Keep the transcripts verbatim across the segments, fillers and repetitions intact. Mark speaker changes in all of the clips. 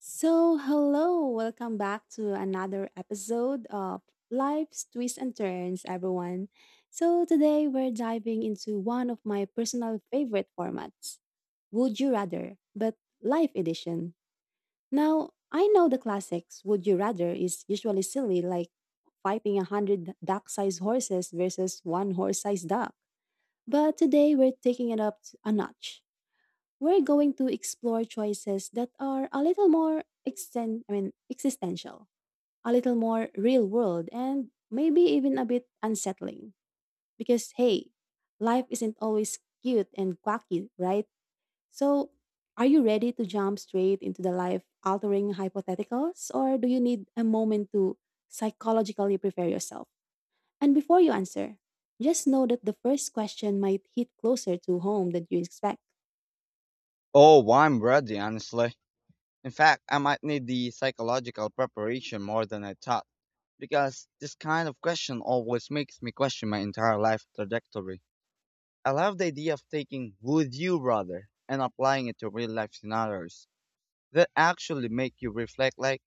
Speaker 1: So, hello, welcome back to another episode of Life's Twists and Turns, everyone. So, today we're diving into one of my personal favorite formats Would You Rather, but Life Edition. Now, I know the classics Would You Rather is usually silly, like fighting a hundred duck sized horses versus one horse sized duck. But today we're taking it up a notch we're going to explore choices that are a little more exten- I mean, existential, a little more real world, and maybe even a bit unsettling. Because, hey, life isn't always cute and quirky, right? So, are you ready to jump straight into the life altering hypotheticals, or do you need a moment to psychologically prepare yourself? And before you answer, just know that the first question might hit closer to home than you expect.
Speaker 2: Oh, I'm ready, honestly. In fact, I might need the psychological preparation more than I thought, because this kind of question always makes me question my entire life trajectory. I love the idea of taking would you rather and applying it to real life scenarios that actually make you reflect like,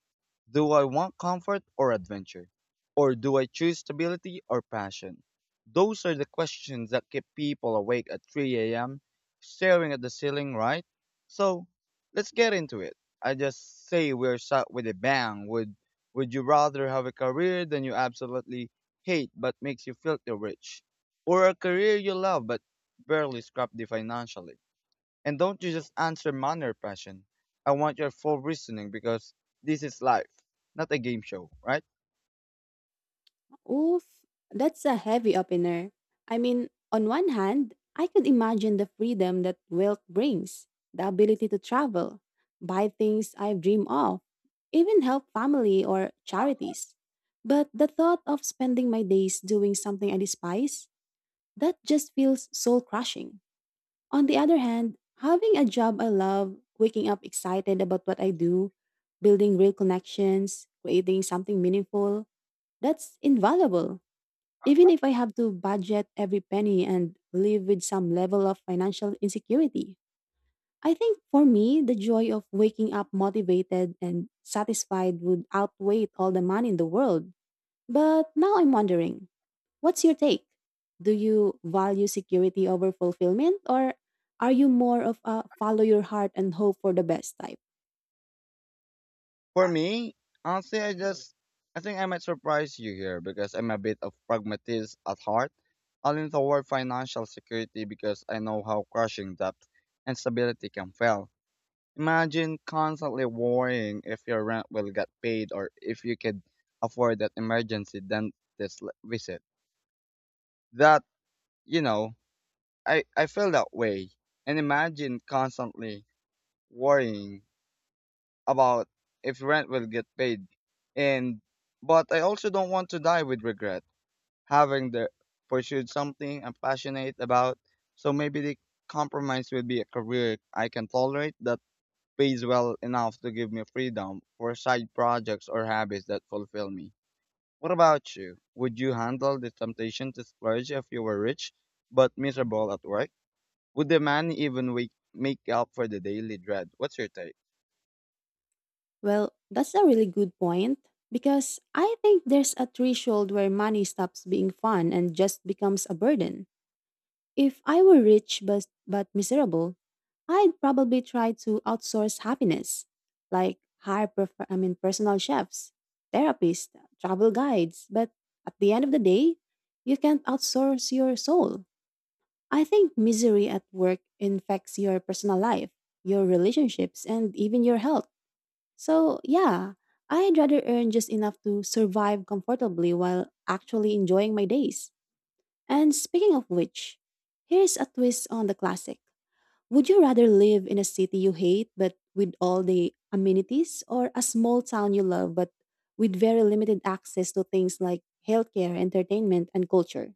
Speaker 2: do I want comfort or adventure? Or do I choose stability or passion? Those are the questions that keep people awake at three a m, staring at the ceiling, right? So, let's get into it. I just say we're shot with a bang. Would would you rather have a career that you absolutely hate but makes you filthy rich? Or a career you love but barely scrap the financially? And don't you just answer manner passion. I want your full reasoning because this is life, not a game show, right?
Speaker 1: Oof, that's a heavy opener. I mean, on one hand, I could imagine the freedom that wealth brings, the ability to travel, buy things I've dreamed of, even help family or charities. But the thought of spending my days doing something I despise, that just feels soul crushing. On the other hand, having a job I love, waking up excited about what I do, building real connections, creating something meaningful, that's invaluable even if I have to budget every penny and live with some level of financial insecurity. I think for me, the joy of waking up motivated and satisfied would outweigh all the money in the world. But now I'm wondering, what's your take? Do you value security over fulfillment, or are you more of a follow your heart and hope for the best type?
Speaker 2: For me, honestly, I just, I think I might surprise you here because I'm a bit of pragmatist at heart. I lean toward financial security because I know how crushing debt and stability can feel. Imagine constantly worrying if your rent will get paid or if you could afford that emergency dentist visit. That, you know, I, I feel that way and imagine constantly worrying about if rent will get paid and but I also don't want to die with regret having the pursued something I'm passionate about so maybe the compromise will be a career I can tolerate that pays well enough to give me freedom for side projects or habits that fulfill me. What about you? Would you handle the temptation to splurge if you were rich but miserable at work? Would the man even wake, make up for the daily dread? What's your take?
Speaker 1: Well, that's a really good point because I think there's a threshold where money stops being fun and just becomes a burden. If I were rich but, but miserable, I'd probably try to outsource happiness, like hire prof- I mean personal chefs, therapists, travel guides, but at the end of the day, you can't outsource your soul. I think misery at work infects your personal life, your relationships, and even your health. So, yeah, I'd rather earn just enough to survive comfortably while actually enjoying my days. And speaking of which, here's a twist on the classic. Would you rather live in a city you hate but with all the amenities or a small town you love but with very limited access to things like healthcare, entertainment, and culture?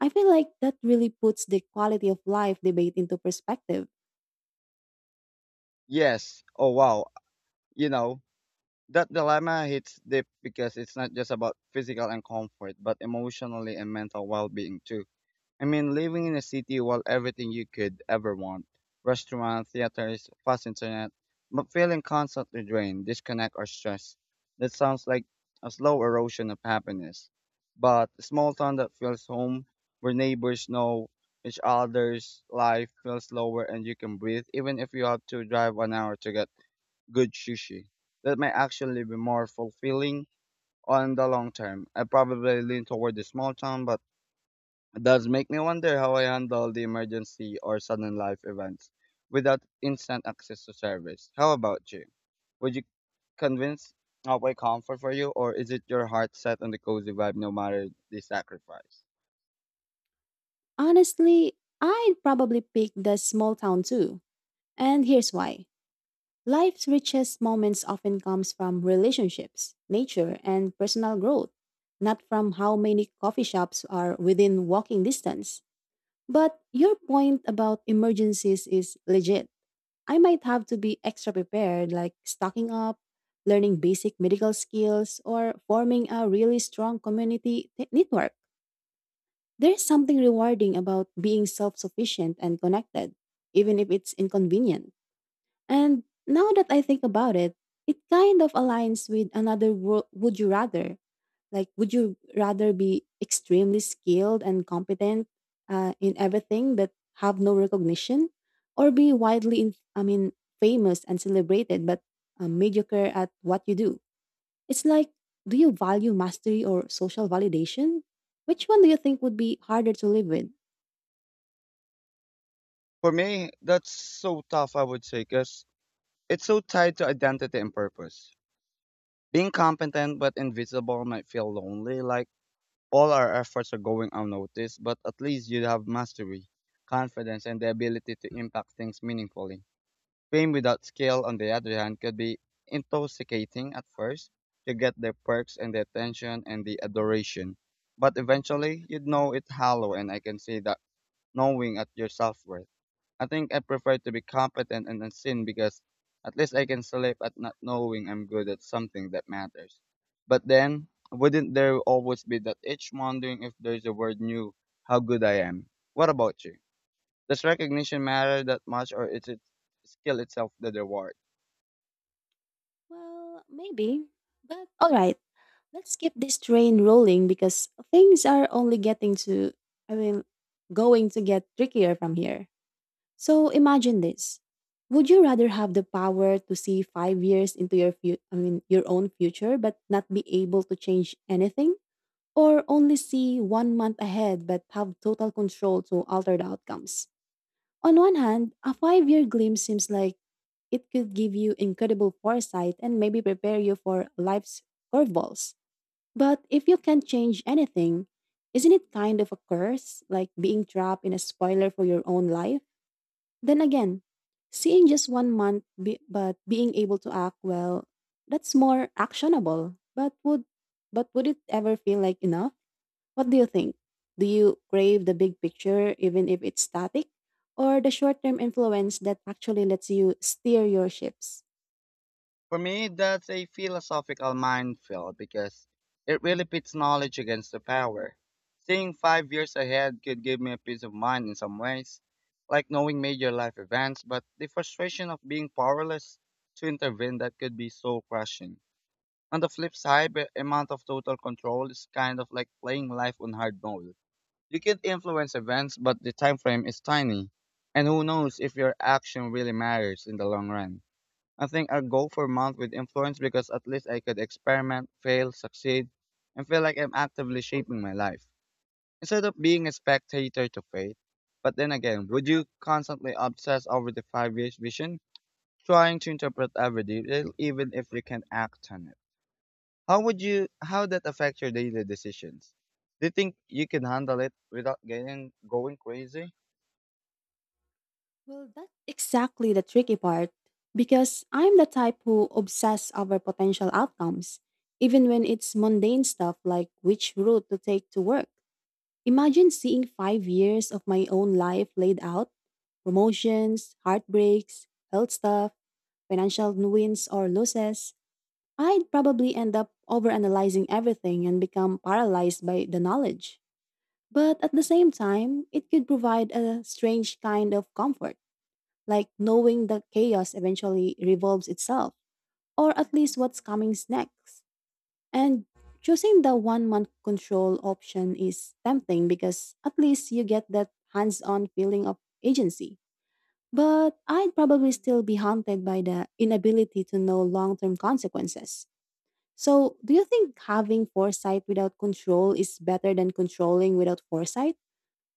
Speaker 1: I feel like that really puts the quality of life debate into perspective.
Speaker 2: Yes. Oh, wow. You know, that dilemma hits deep because it's not just about physical and comfort, but emotionally and mental well being too. I mean, living in a city while everything you could ever want restaurants, theaters, fast internet, but feeling constantly drained, disconnect, or stressed. That sounds like a slow erosion of happiness. But a small town that feels home, where neighbors know each other's life feels slower and you can breathe, even if you have to drive an hour to get good sushi. That may actually be more fulfilling on the long term. I probably lean toward the small town, but it does make me wonder how I handle the emergency or sudden life events without instant access to service. How about you? Would you convince outweigh comfort for you, or is it your heart set on the cozy vibe no matter the sacrifice?
Speaker 1: Honestly, I'd probably pick the small town too. And here's why. Life's richest moments often comes from relationships, nature, and personal growth, not from how many coffee shops are within walking distance. But your point about emergencies is legit. I might have to be extra prepared like stocking up, learning basic medical skills, or forming a really strong community te- network. There's something rewarding about being self-sufficient and connected, even if it's inconvenient. And now that I think about it, it kind of aligns with another wo- would you rather. Like, would you rather be extremely skilled and competent uh, in everything but have no recognition, or be widely, in- I mean, famous and celebrated but uh, mediocre at what you do? It's like, do you value mastery or social validation? Which one do you think would be harder to live with?
Speaker 2: For me, that's so tough, I would say, because it's so tied to identity and purpose. Being competent but invisible might feel lonely, like all our efforts are going unnoticed, but at least you have mastery, confidence, and the ability to impact things meaningfully. Fame without skill, on the other hand, could be intoxicating at first. You get the perks and the attention and the adoration. But eventually, you'd know it hollow, and I can see that knowing at your self worth. I think I prefer to be competent and unseen because at least I can sleep at not knowing I'm good at something that matters. But then, wouldn't there always be that itch wondering if there's a word new, how good I am? What about you? Does recognition matter that much, or is it skill itself the reward?
Speaker 1: Well, maybe. But all right, let's keep this train rolling because things are only getting to, I mean, going to get trickier from here. So imagine this. Would you rather have the power to see five years into your fu- I mean your own future but not be able to change anything? Or only see one month ahead but have total control to alter the outcomes? On one hand, a five year glimpse seems like it could give you incredible foresight and maybe prepare you for life's curveballs. But if you can't change anything, isn't it kind of a curse, like being trapped in a spoiler for your own life? Then again, seeing just one month be- but being able to act well, that's more actionable. But would but would it ever feel like enough? What do you think? Do you crave the big picture even if it's static or the short-term influence that actually lets you steer your ships?
Speaker 2: For me, that's a philosophical minefield because it really pits knowledge against the power. Seeing five years ahead could give me a peace of mind in some ways, like knowing major life events, but the frustration of being powerless to intervene that could be so crushing. On the flip side, the amount of total control is kind of like playing life on hard mode. You can influence events, but the time frame is tiny, and who knows if your action really matters in the long run. I think I'll go for a month with influence because at least I could experiment, fail, succeed, and feel like I'm actively shaping my life instead of being a spectator to fate. But then again, would you constantly obsess over the five years vision, trying to interpret every detail even if you can act on it? How would you how that affect your daily decisions? Do you think you can handle it without getting going crazy?
Speaker 1: Well, that's exactly the tricky part because I'm the type who obsess over potential outcomes, even when it's mundane stuff like which route to take to work. Imagine seeing five years of my own life laid out promotions, heartbreaks, health stuff, financial wins or losses. I'd probably end up overanalyzing everything and become paralyzed by the knowledge. But at the same time, it could provide a strange kind of comfort like knowing that chaos eventually revolves itself, or at least what's coming next. And choosing the one month control option is tempting because at least you get that hands on feeling of agency. But I'd probably still be haunted by the inability to know long term consequences. So, do you think having foresight without control is better than controlling without foresight?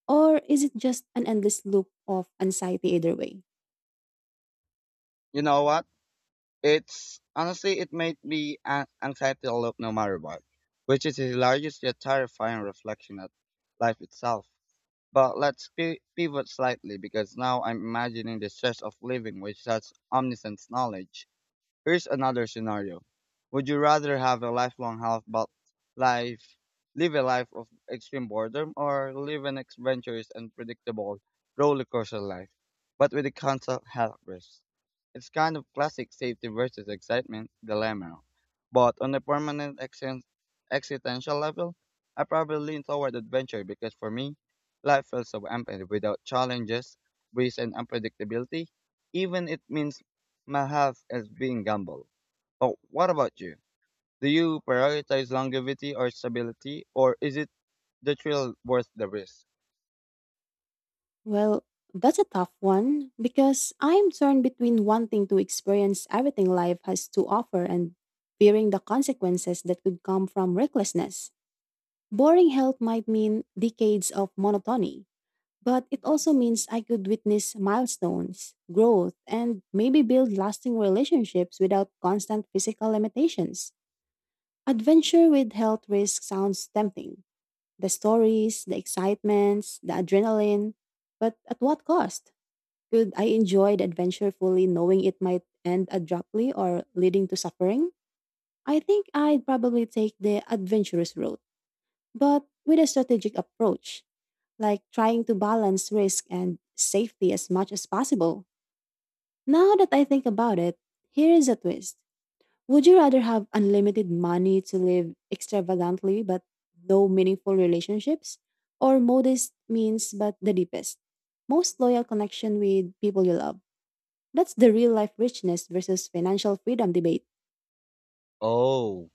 Speaker 1: Or is it just an endless loop of anxiety either way?
Speaker 2: You know what? It's honestly, it made me an- anxiety all up no matter what, which is a hilarious yet terrifying reflection of life itself. But let's pi pivot slightly because now I'm imagining the stress of living with such omniscient knowledge. Here's another scenario. Would you rather have a lifelong health but life live a life of extreme boredom or live an adventurous and predictable roller coaster life, but with a constant health risk? It's kind of classic safety versus excitement dilemma. But on a permanent exen- existential level, I probably lean toward adventure because for me, life feels so empty without challenges, risk, and unpredictability even it means my health is being gambled. But what about you? Do you prioritize longevity or stability, or is it the thrill worth the risk?
Speaker 1: Well, that's a tough one because I'm torn between wanting to experience everything life has to offer and fearing the consequences that could come from recklessness. Boring health might mean decades of monotony, but it also means I could witness milestones, growth, and maybe build lasting relationships without constant physical limitations. Adventure with health risk sounds tempting. The stories, the excitements, the adrenaline, but at what cost? Could I enjoy the adventure fully knowing it might end abruptly or leading to suffering? I think I'd probably take the adventurous route, but with a strategic approach, like trying to balance risk and safety as much as possible. Now that I think about it, here is a twist. Would you rather have unlimited money to live extravagantly but no meaningful relationships? Or modest means but the deepest, most loyal connection with people you love? That's the real life richness versus financial freedom debate.
Speaker 2: Oh,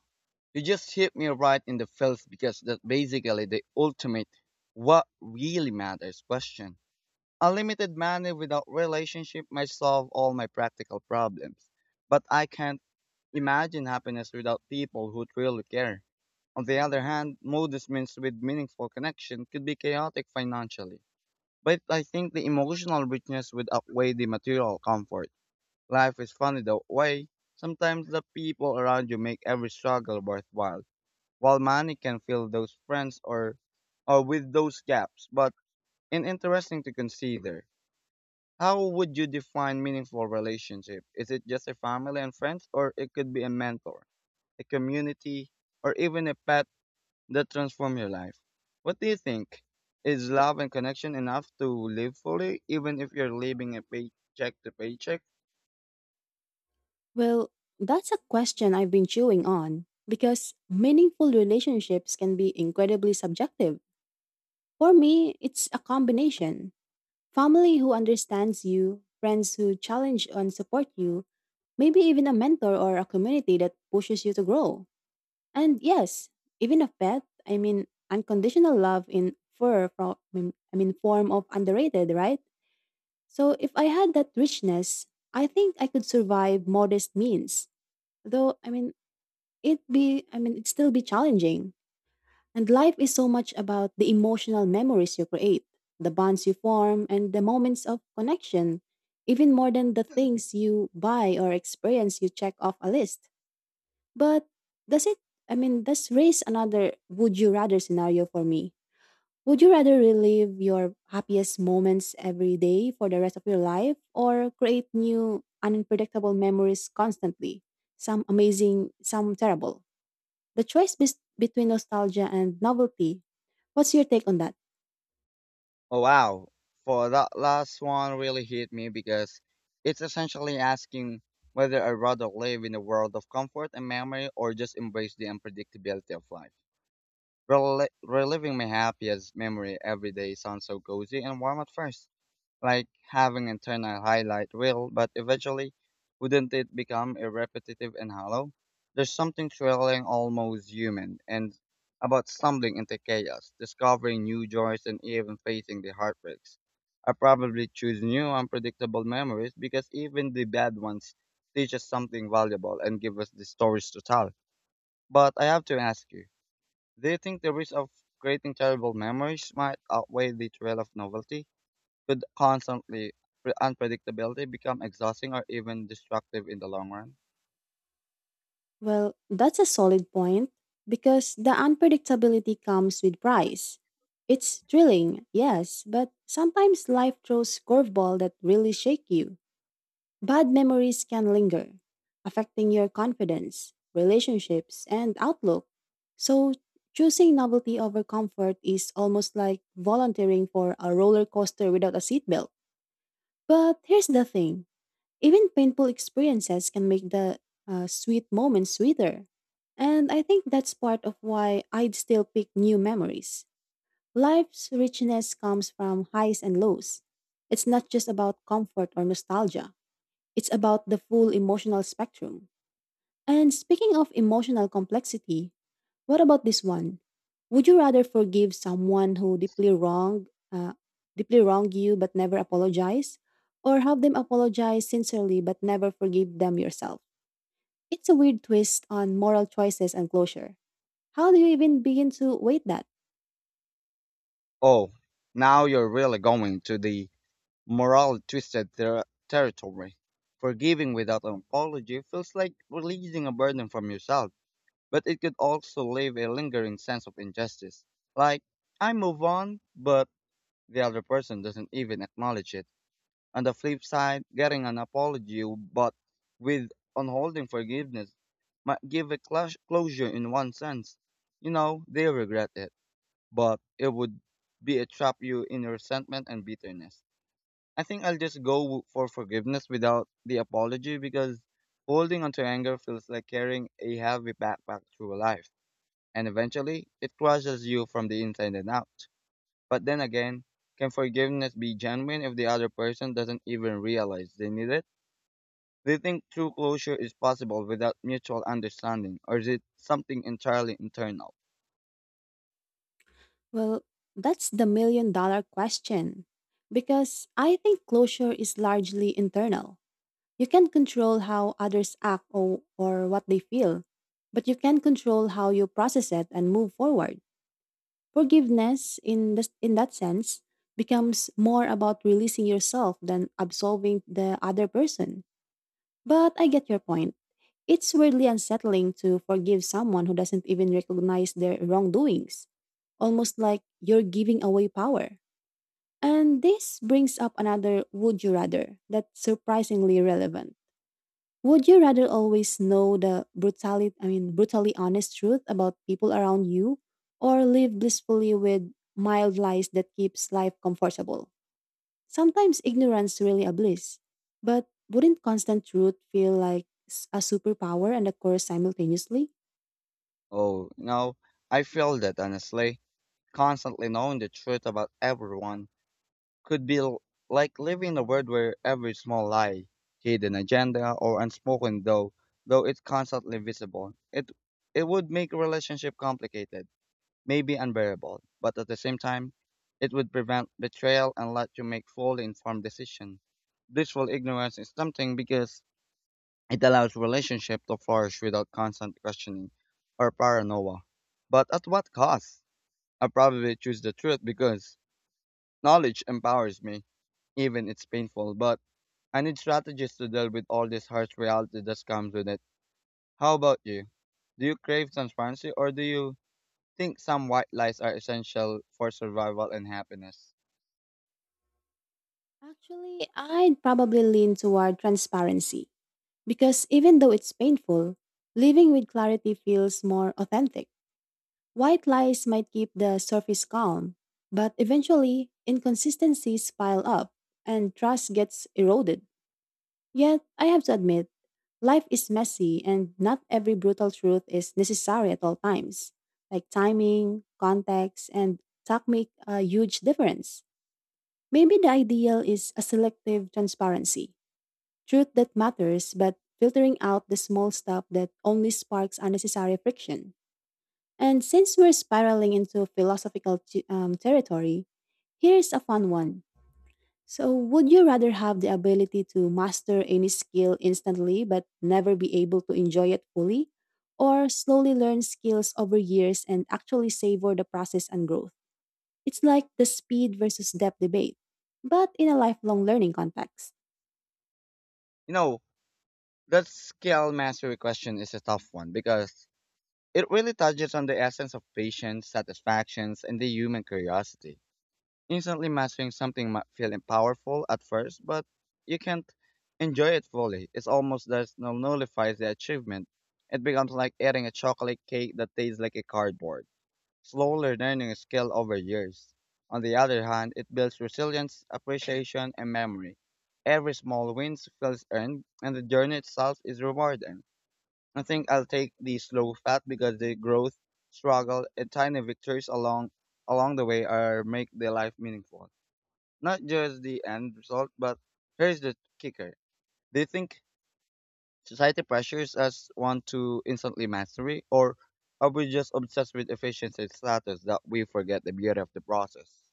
Speaker 2: you just hit me right in the feels because that's basically the ultimate what really matters question. Unlimited money without relationship might solve all my practical problems, but I can't imagine happiness without people who truly care. On the other hand, modest means with meaningful connection could be chaotic financially. But I think the emotional richness would outweigh the material comfort. Life is funny that way. Sometimes the people around you make every struggle worthwhile, while money can fill those friends or, or with those gaps. But it's interesting to consider. How would you define meaningful relationship? Is it just a family and friends, or it could be a mentor, a community, or even a pet that transform your life. What do you think? Is love and connection enough to live fully, even if you're living a paycheck to paycheck?
Speaker 1: Well, that's a question I've been chewing on because meaningful relationships can be incredibly subjective. For me, it's a combination family who understands you, friends who challenge and support you, maybe even a mentor or a community that pushes you to grow. And yes, even a pet, I mean, unconditional love in fur from, I mean, form of underrated, right? So if I had that richness, I think I could survive modest means. Though I mean it be I mean it'd still be challenging. And life is so much about the emotional memories you create, the bonds you form and the moments of connection, even more than the things you buy or experience you check off a list. But does it I mean does raise another would you rather scenario for me? Would you rather relive your happiest moments every day for the rest of your life or create new unpredictable memories constantly? Some amazing, some terrible. The choice bes- between nostalgia and novelty. What's your take on that?
Speaker 2: Oh, wow. For that last one really hit me because it's essentially asking whether I'd rather live in a world of comfort and memory or just embrace the unpredictability of life. Rel- reliving my happiest memory every day sounds so cozy and warm at first like having internal highlight reel, but eventually, wouldn't it become a repetitive and hollow? There's something thrilling, almost human, and about stumbling into chaos, discovering new joys, and even facing the heartbreaks. I probably choose new unpredictable memories because even the bad ones teach us something valuable and give us the stories to tell. But I have to ask you, do you think the risk of creating terrible memories might outweigh the thrill of novelty? Could constantly pre- unpredictability become exhausting or even destructive in the long run?
Speaker 1: Well, that's a solid point because the unpredictability comes with price. It's thrilling, yes, but sometimes life throws curveball that really shake you. Bad memories can linger, affecting your confidence, relationships, and outlook. So, choosing novelty over comfort is almost like volunteering for a roller coaster without a seatbelt. But here's the thing even painful experiences can make the uh, sweet moments sweeter. And I think that's part of why I'd still pick new memories. Life's richness comes from highs and lows. It's not just about comfort or nostalgia. It's about the full emotional spectrum. And speaking of emotional complexity, what about this one? Would you rather forgive someone who deeply wrong, uh, deeply wronged you but never apologize, or have them apologize sincerely but never forgive them yourself? It's a weird twist on moral choices and closure. How do you even begin to weight that?
Speaker 2: Oh, now you're really going to the moral twisted ter- territory. Forgiving without an apology feels like releasing a burden from yourself, but it could also leave a lingering sense of injustice. Like, I move on, but the other person doesn't even acknowledge it. On the flip side, getting an apology but with unholding forgiveness might give a clash closure in one sense. You know, they regret it, but it would be a trap you in resentment and bitterness. I think I'll just go w- for forgiveness without the apology because holding onto anger feels like carrying a heavy backpack through life, and eventually it crushes you from the inside and out. But then again, can forgiveness be genuine if the other person doesn't even realize they need it? Do you think true closure is possible without mutual understanding, or is it something entirely internal?
Speaker 1: Well, that's the million dollar question. Because I think closure is largely internal. You can't control how others act or, or what they feel, but you can control how you process it and move forward. Forgiveness, in, this, in that sense, becomes more about releasing yourself than absolving the other person. But I get your point. It's weirdly unsettling to forgive someone who doesn't even recognize their wrongdoings, almost like you're giving away power. And this brings up another would you rather that's surprisingly relevant. Would you rather always know the brutally I mean brutally honest truth about people around you or live blissfully with mild lies that keeps life comfortable? Sometimes ignorance really a bliss. But wouldn't constant truth feel like s- a superpower and a curse simultaneously?
Speaker 2: Oh, you know, I feel that honestly. Constantly knowing the truth about everyone could be l- like living in a world where every small lie, hidden agenda, or unspoken though, though it's constantly visible. It it would make a relationship complicated may be unbearable, but at the same time, it would prevent betrayal and let you make fully informed decisions. Blissful ignorance is something because it allows relationship to flourish without constant questioning or paranoia. But at what cost? I probably choose the truth because knowledge empowers me, even it's painful, but I need strategies to deal with all this harsh reality that comes with it. How about you? Do you crave transparency or do you think some white lies are essential for survival and happiness.
Speaker 1: Actually, I'd probably lean toward transparency because even though it's painful, living with clarity feels more authentic. White lies might keep the surface calm, but eventually inconsistencies pile up and trust gets eroded. Yet, I have to admit, life is messy and not every brutal truth is necessary at all times. Like timing, context, and talk make a huge difference. Maybe the ideal is a selective transparency truth that matters, but filtering out the small stuff that only sparks unnecessary friction. And since we're spiraling into philosophical t- um, territory, here's a fun one. So, would you rather have the ability to master any skill instantly but never be able to enjoy it fully, or slowly learn skills over years and actually savor the process and growth? It's like the speed versus depth debate, but in a lifelong learning context.
Speaker 2: You know, that skill mastery question is a tough one because it really touches on the essence of patience, satisfactions, and the human curiosity. Instantly mastering something might feel powerful at first, but you can't enjoy it fully. It's almost that nullifies the achievement. It becomes like eating a chocolate cake that tastes like a cardboard. Slowly learning a skill over years. On the other hand, it builds resilience, appreciation, and memory. Every small win feels earned, and the journey itself is rewarding. I think I'll take the slow path because the growth, struggle, and tiny victories along along the way are make the life meaningful. Not just the end result, but here's the kicker. Do you think society pressures us want to instantly mastery, or are we just obsessed with efficiency and status that we forget the beauty of the process?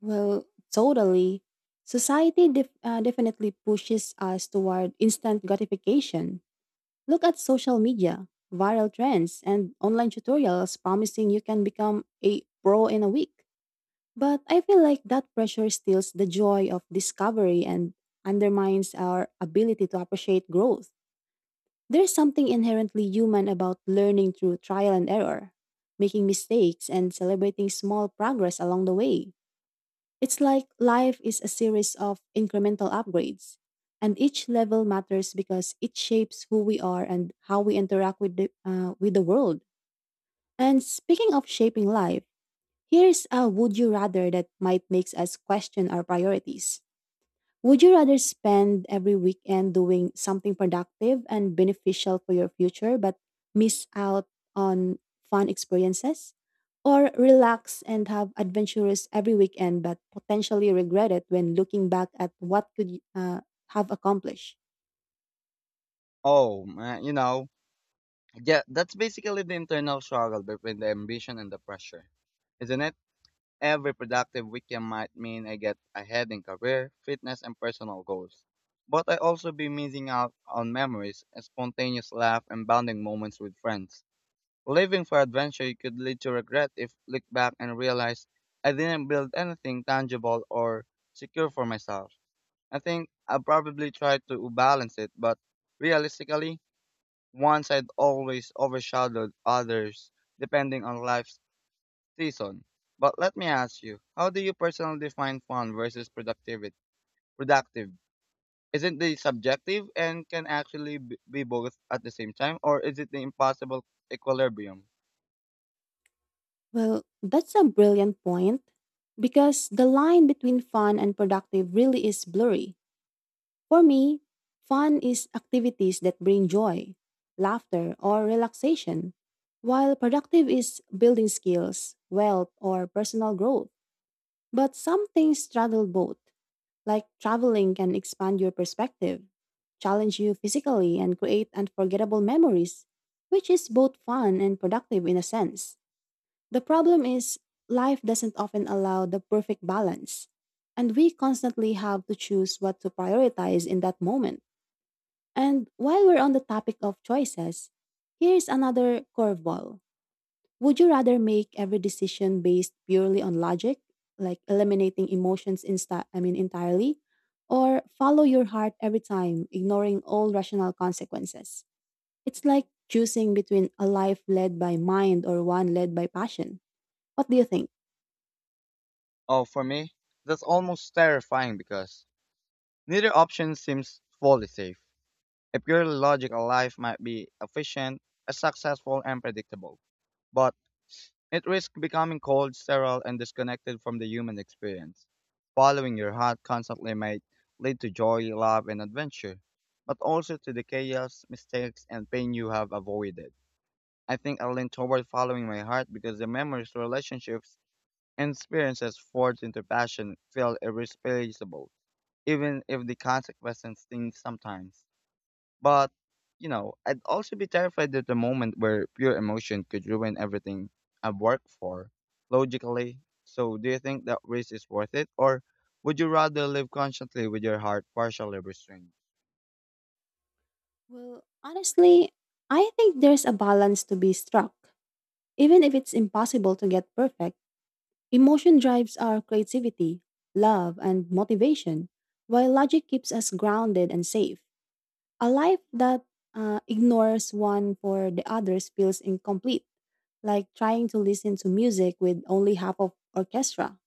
Speaker 1: Well, totally. Society def- uh, definitely pushes us toward instant gratification. Look at social media, viral trends, and online tutorials promising you can become a pro in a week. But I feel like that pressure steals the joy of discovery and undermines our ability to appreciate growth. There's something inherently human about learning through trial and error, making mistakes, and celebrating small progress along the way. It's like life is a series of incremental upgrades, and each level matters because it shapes who we are and how we interact with the, uh, with the world. And speaking of shaping life, here's a would you rather that might makes us question our priorities. Would you rather spend every weekend doing something productive and beneficial for your future but miss out on fun experiences? Or relax and have adventures every weekend but potentially regret it when looking back at what could you, uh, have accomplished?
Speaker 2: Oh, man, you know, yeah, that's basically the internal struggle between the ambition and the pressure, isn't it? Every productive weekend might mean I get ahead in career, fitness, and personal goals, but I also be missing out on memories, spontaneous laugh, and bonding moments with friends. Living for adventure you could lead to regret if look back and realize I didn't build anything tangible or secure for myself. I think I probably tried to balance it, but realistically, once I'd always overshadowed others depending on life's season. But let me ask you, how do you personally define fun versus productivity? Productive. Isn't it subjective and can actually b- be both at the same time, or is it the impossible equilibrium?
Speaker 1: Well, that's a brilliant point because the line between fun and productive really is blurry. For me, fun is activities that bring joy, laughter, or relaxation, while productive is building skills, wealth, or personal growth. But some things straddle both, like traveling can expand your perspective, challenge you physically, and create unforgettable memories, which is both fun and productive in a sense. The problem is, life doesn't often allow the perfect balance, and we constantly have to choose what to prioritize in that moment. And while we're on the topic of choices, here's another curveball. Would you rather make every decision based purely on logic, like eliminating emotions insta- I mean entirely, or follow your heart every time, ignoring all rational consequences? It's like choosing between a life led by mind or one led by passion. What do you think?
Speaker 2: Oh, for me, that's almost terrifying because neither option seems fully safe. A purely logical life might be efficient, uh, successful, and predictable, but it risks becoming cold, sterile, and disconnected from the human experience. Following your heart constantly might lead to joy, love, and adventure, but also to the chaos, mistakes, and pain you have avoided. I think I lean toward following my heart because the memories, relationships, and experiences forged into passion feel irreplaceable, even if the consequences sting sometimes. But, you know, I'd also be terrified at the moment where pure emotion could ruin everything I've worked for, logically. So, do you think that risk is worth it, or would you rather live constantly with your heart partially restrained?
Speaker 1: Well, honestly, I think there's a balance to be struck. Even if it's impossible to get perfect, emotion drives our creativity, love, and motivation, while logic keeps us grounded and safe. A life that uh, ignores one for the others feels incomplete, like trying to listen to music with only half of orchestra.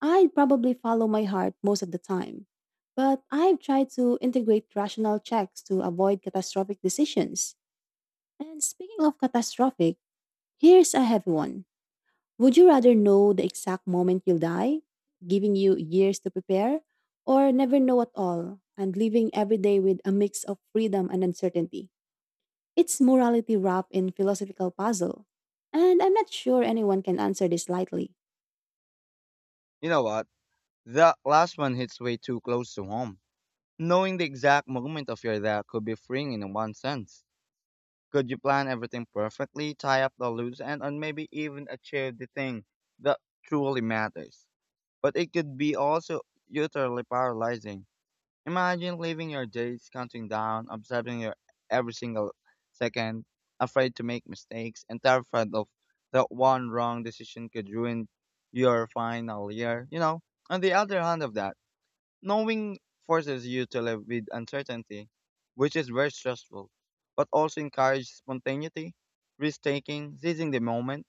Speaker 1: I'd probably follow my heart most of the time, but I've tried to integrate rational checks to avoid catastrophic decisions. And speaking of catastrophic, here's a heavy one. Would you rather know the exact moment you'll die, giving you years to prepare, or never know at all and living every day with a mix of freedom and uncertainty? It's morality wrapped in philosophical puzzle. And I'm not sure anyone can answer this lightly.
Speaker 2: You know what? That last one hits way too close to home. Knowing the exact moment of your death could be freeing in one sense. Could you plan everything perfectly, tie up the loose end, and maybe even achieve the thing that truly matters? But it could be also utterly paralyzing. Imagine living your days counting down, observing your every single second, afraid to make mistakes, and terrified of that one wrong decision could ruin your final year. You know, on the other hand of that, knowing forces you to live with uncertainty, which is very stressful, but also encourages spontaneity, risk taking, seizing the moment.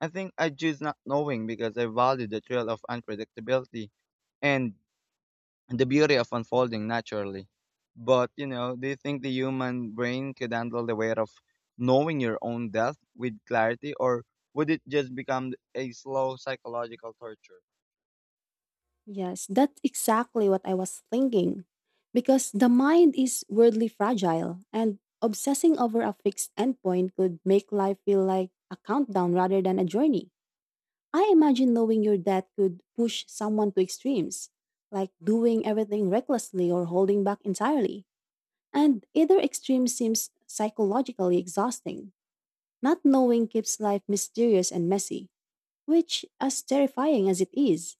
Speaker 2: I think I choose not knowing because I value the thrill of unpredictability and the beauty of unfolding naturally. But, you know, do you think the human brain could handle the weight of knowing your own death with clarity, or would it just become a slow psychological torture?
Speaker 1: Yes, that's exactly what I was thinking. Because the mind is weirdly fragile, and obsessing over a fixed endpoint could make life feel like a countdown rather than a journey. I imagine knowing your dad could push someone to extremes, like doing everything recklessly or holding back entirely. And either extreme seems psychologically exhausting. Not knowing keeps life mysterious and messy, which, as terrifying as it is,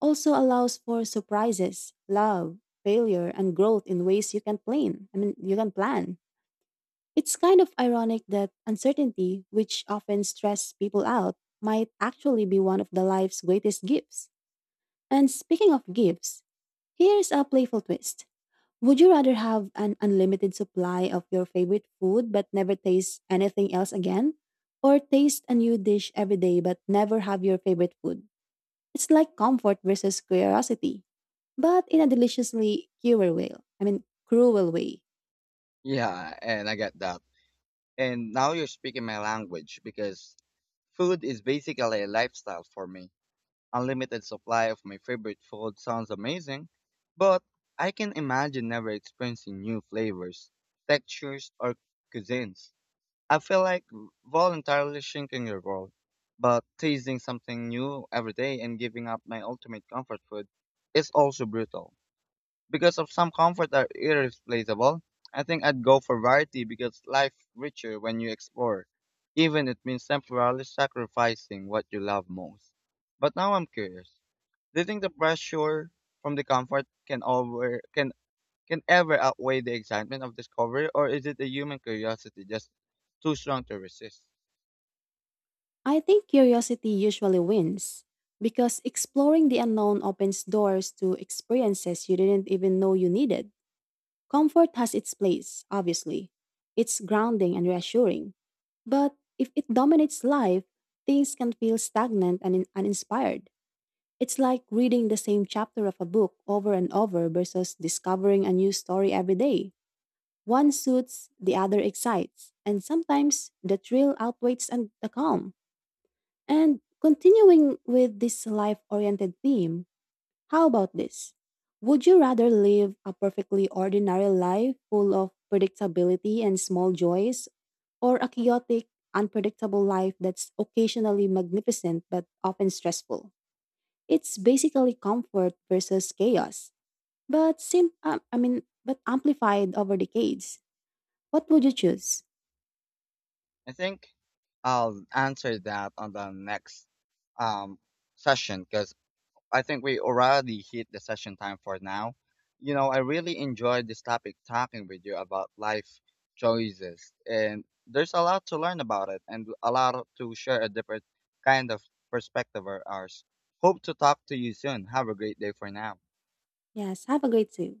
Speaker 1: also allows for surprises, love, failure, and growth in ways you can plan. I mean, you can plan. It's kind of ironic that uncertainty, which often stresses people out, might actually be one of the life's greatest gifts. And speaking of gifts, here's a playful twist. Would you rather have an unlimited supply of your favorite food but never taste anything else again? Or taste a new dish every day but never have your favorite food? It's like comfort versus curiosity, but in a deliciously cruel way. I mean, cruel way.
Speaker 2: Yeah, and I get that. And now you're speaking my language because food is basically a lifestyle for me. Unlimited supply of my favorite food sounds amazing, but I can imagine never experiencing new flavors, textures, or cuisines. I feel like voluntarily shrinking the world, but tasting something new every day and giving up my ultimate comfort food is also brutal because of some comfort are irreplaceable. I think I'd go for variety because life richer when you explore, even it means temporarily sacrificing what you love most. But now I'm curious. Do you think the pressure from the comfort can over can can ever outweigh the excitement of discovery or is it the human curiosity just too strong to resist?
Speaker 1: I think curiosity usually wins because exploring the unknown opens doors to experiences you didn't even know you needed. Comfort has its place, obviously. It's grounding and reassuring. But if it dominates life, things can feel stagnant and in- uninspired. It's like reading the same chapter of a book over and over versus discovering a new story every day. One suits, the other excites, and sometimes the thrill outweighs and the calm. And continuing with this life oriented theme, how about this? Would you rather live a perfectly ordinary life full of predictability and small joys, or a chaotic, unpredictable life that's occasionally magnificent but often stressful? It's basically comfort versus chaos, but sim- uh, I mean, but amplified over decades. What would you choose?
Speaker 2: I think I'll answer that on the next um session because I think we already hit the session time for now. You know, I really enjoyed this topic talking with you about life choices, and there's a lot to learn about it and a lot to share a different kind of perspective of ours. Hope to talk to you soon. Have a great day for now.
Speaker 1: Yes, have a great day.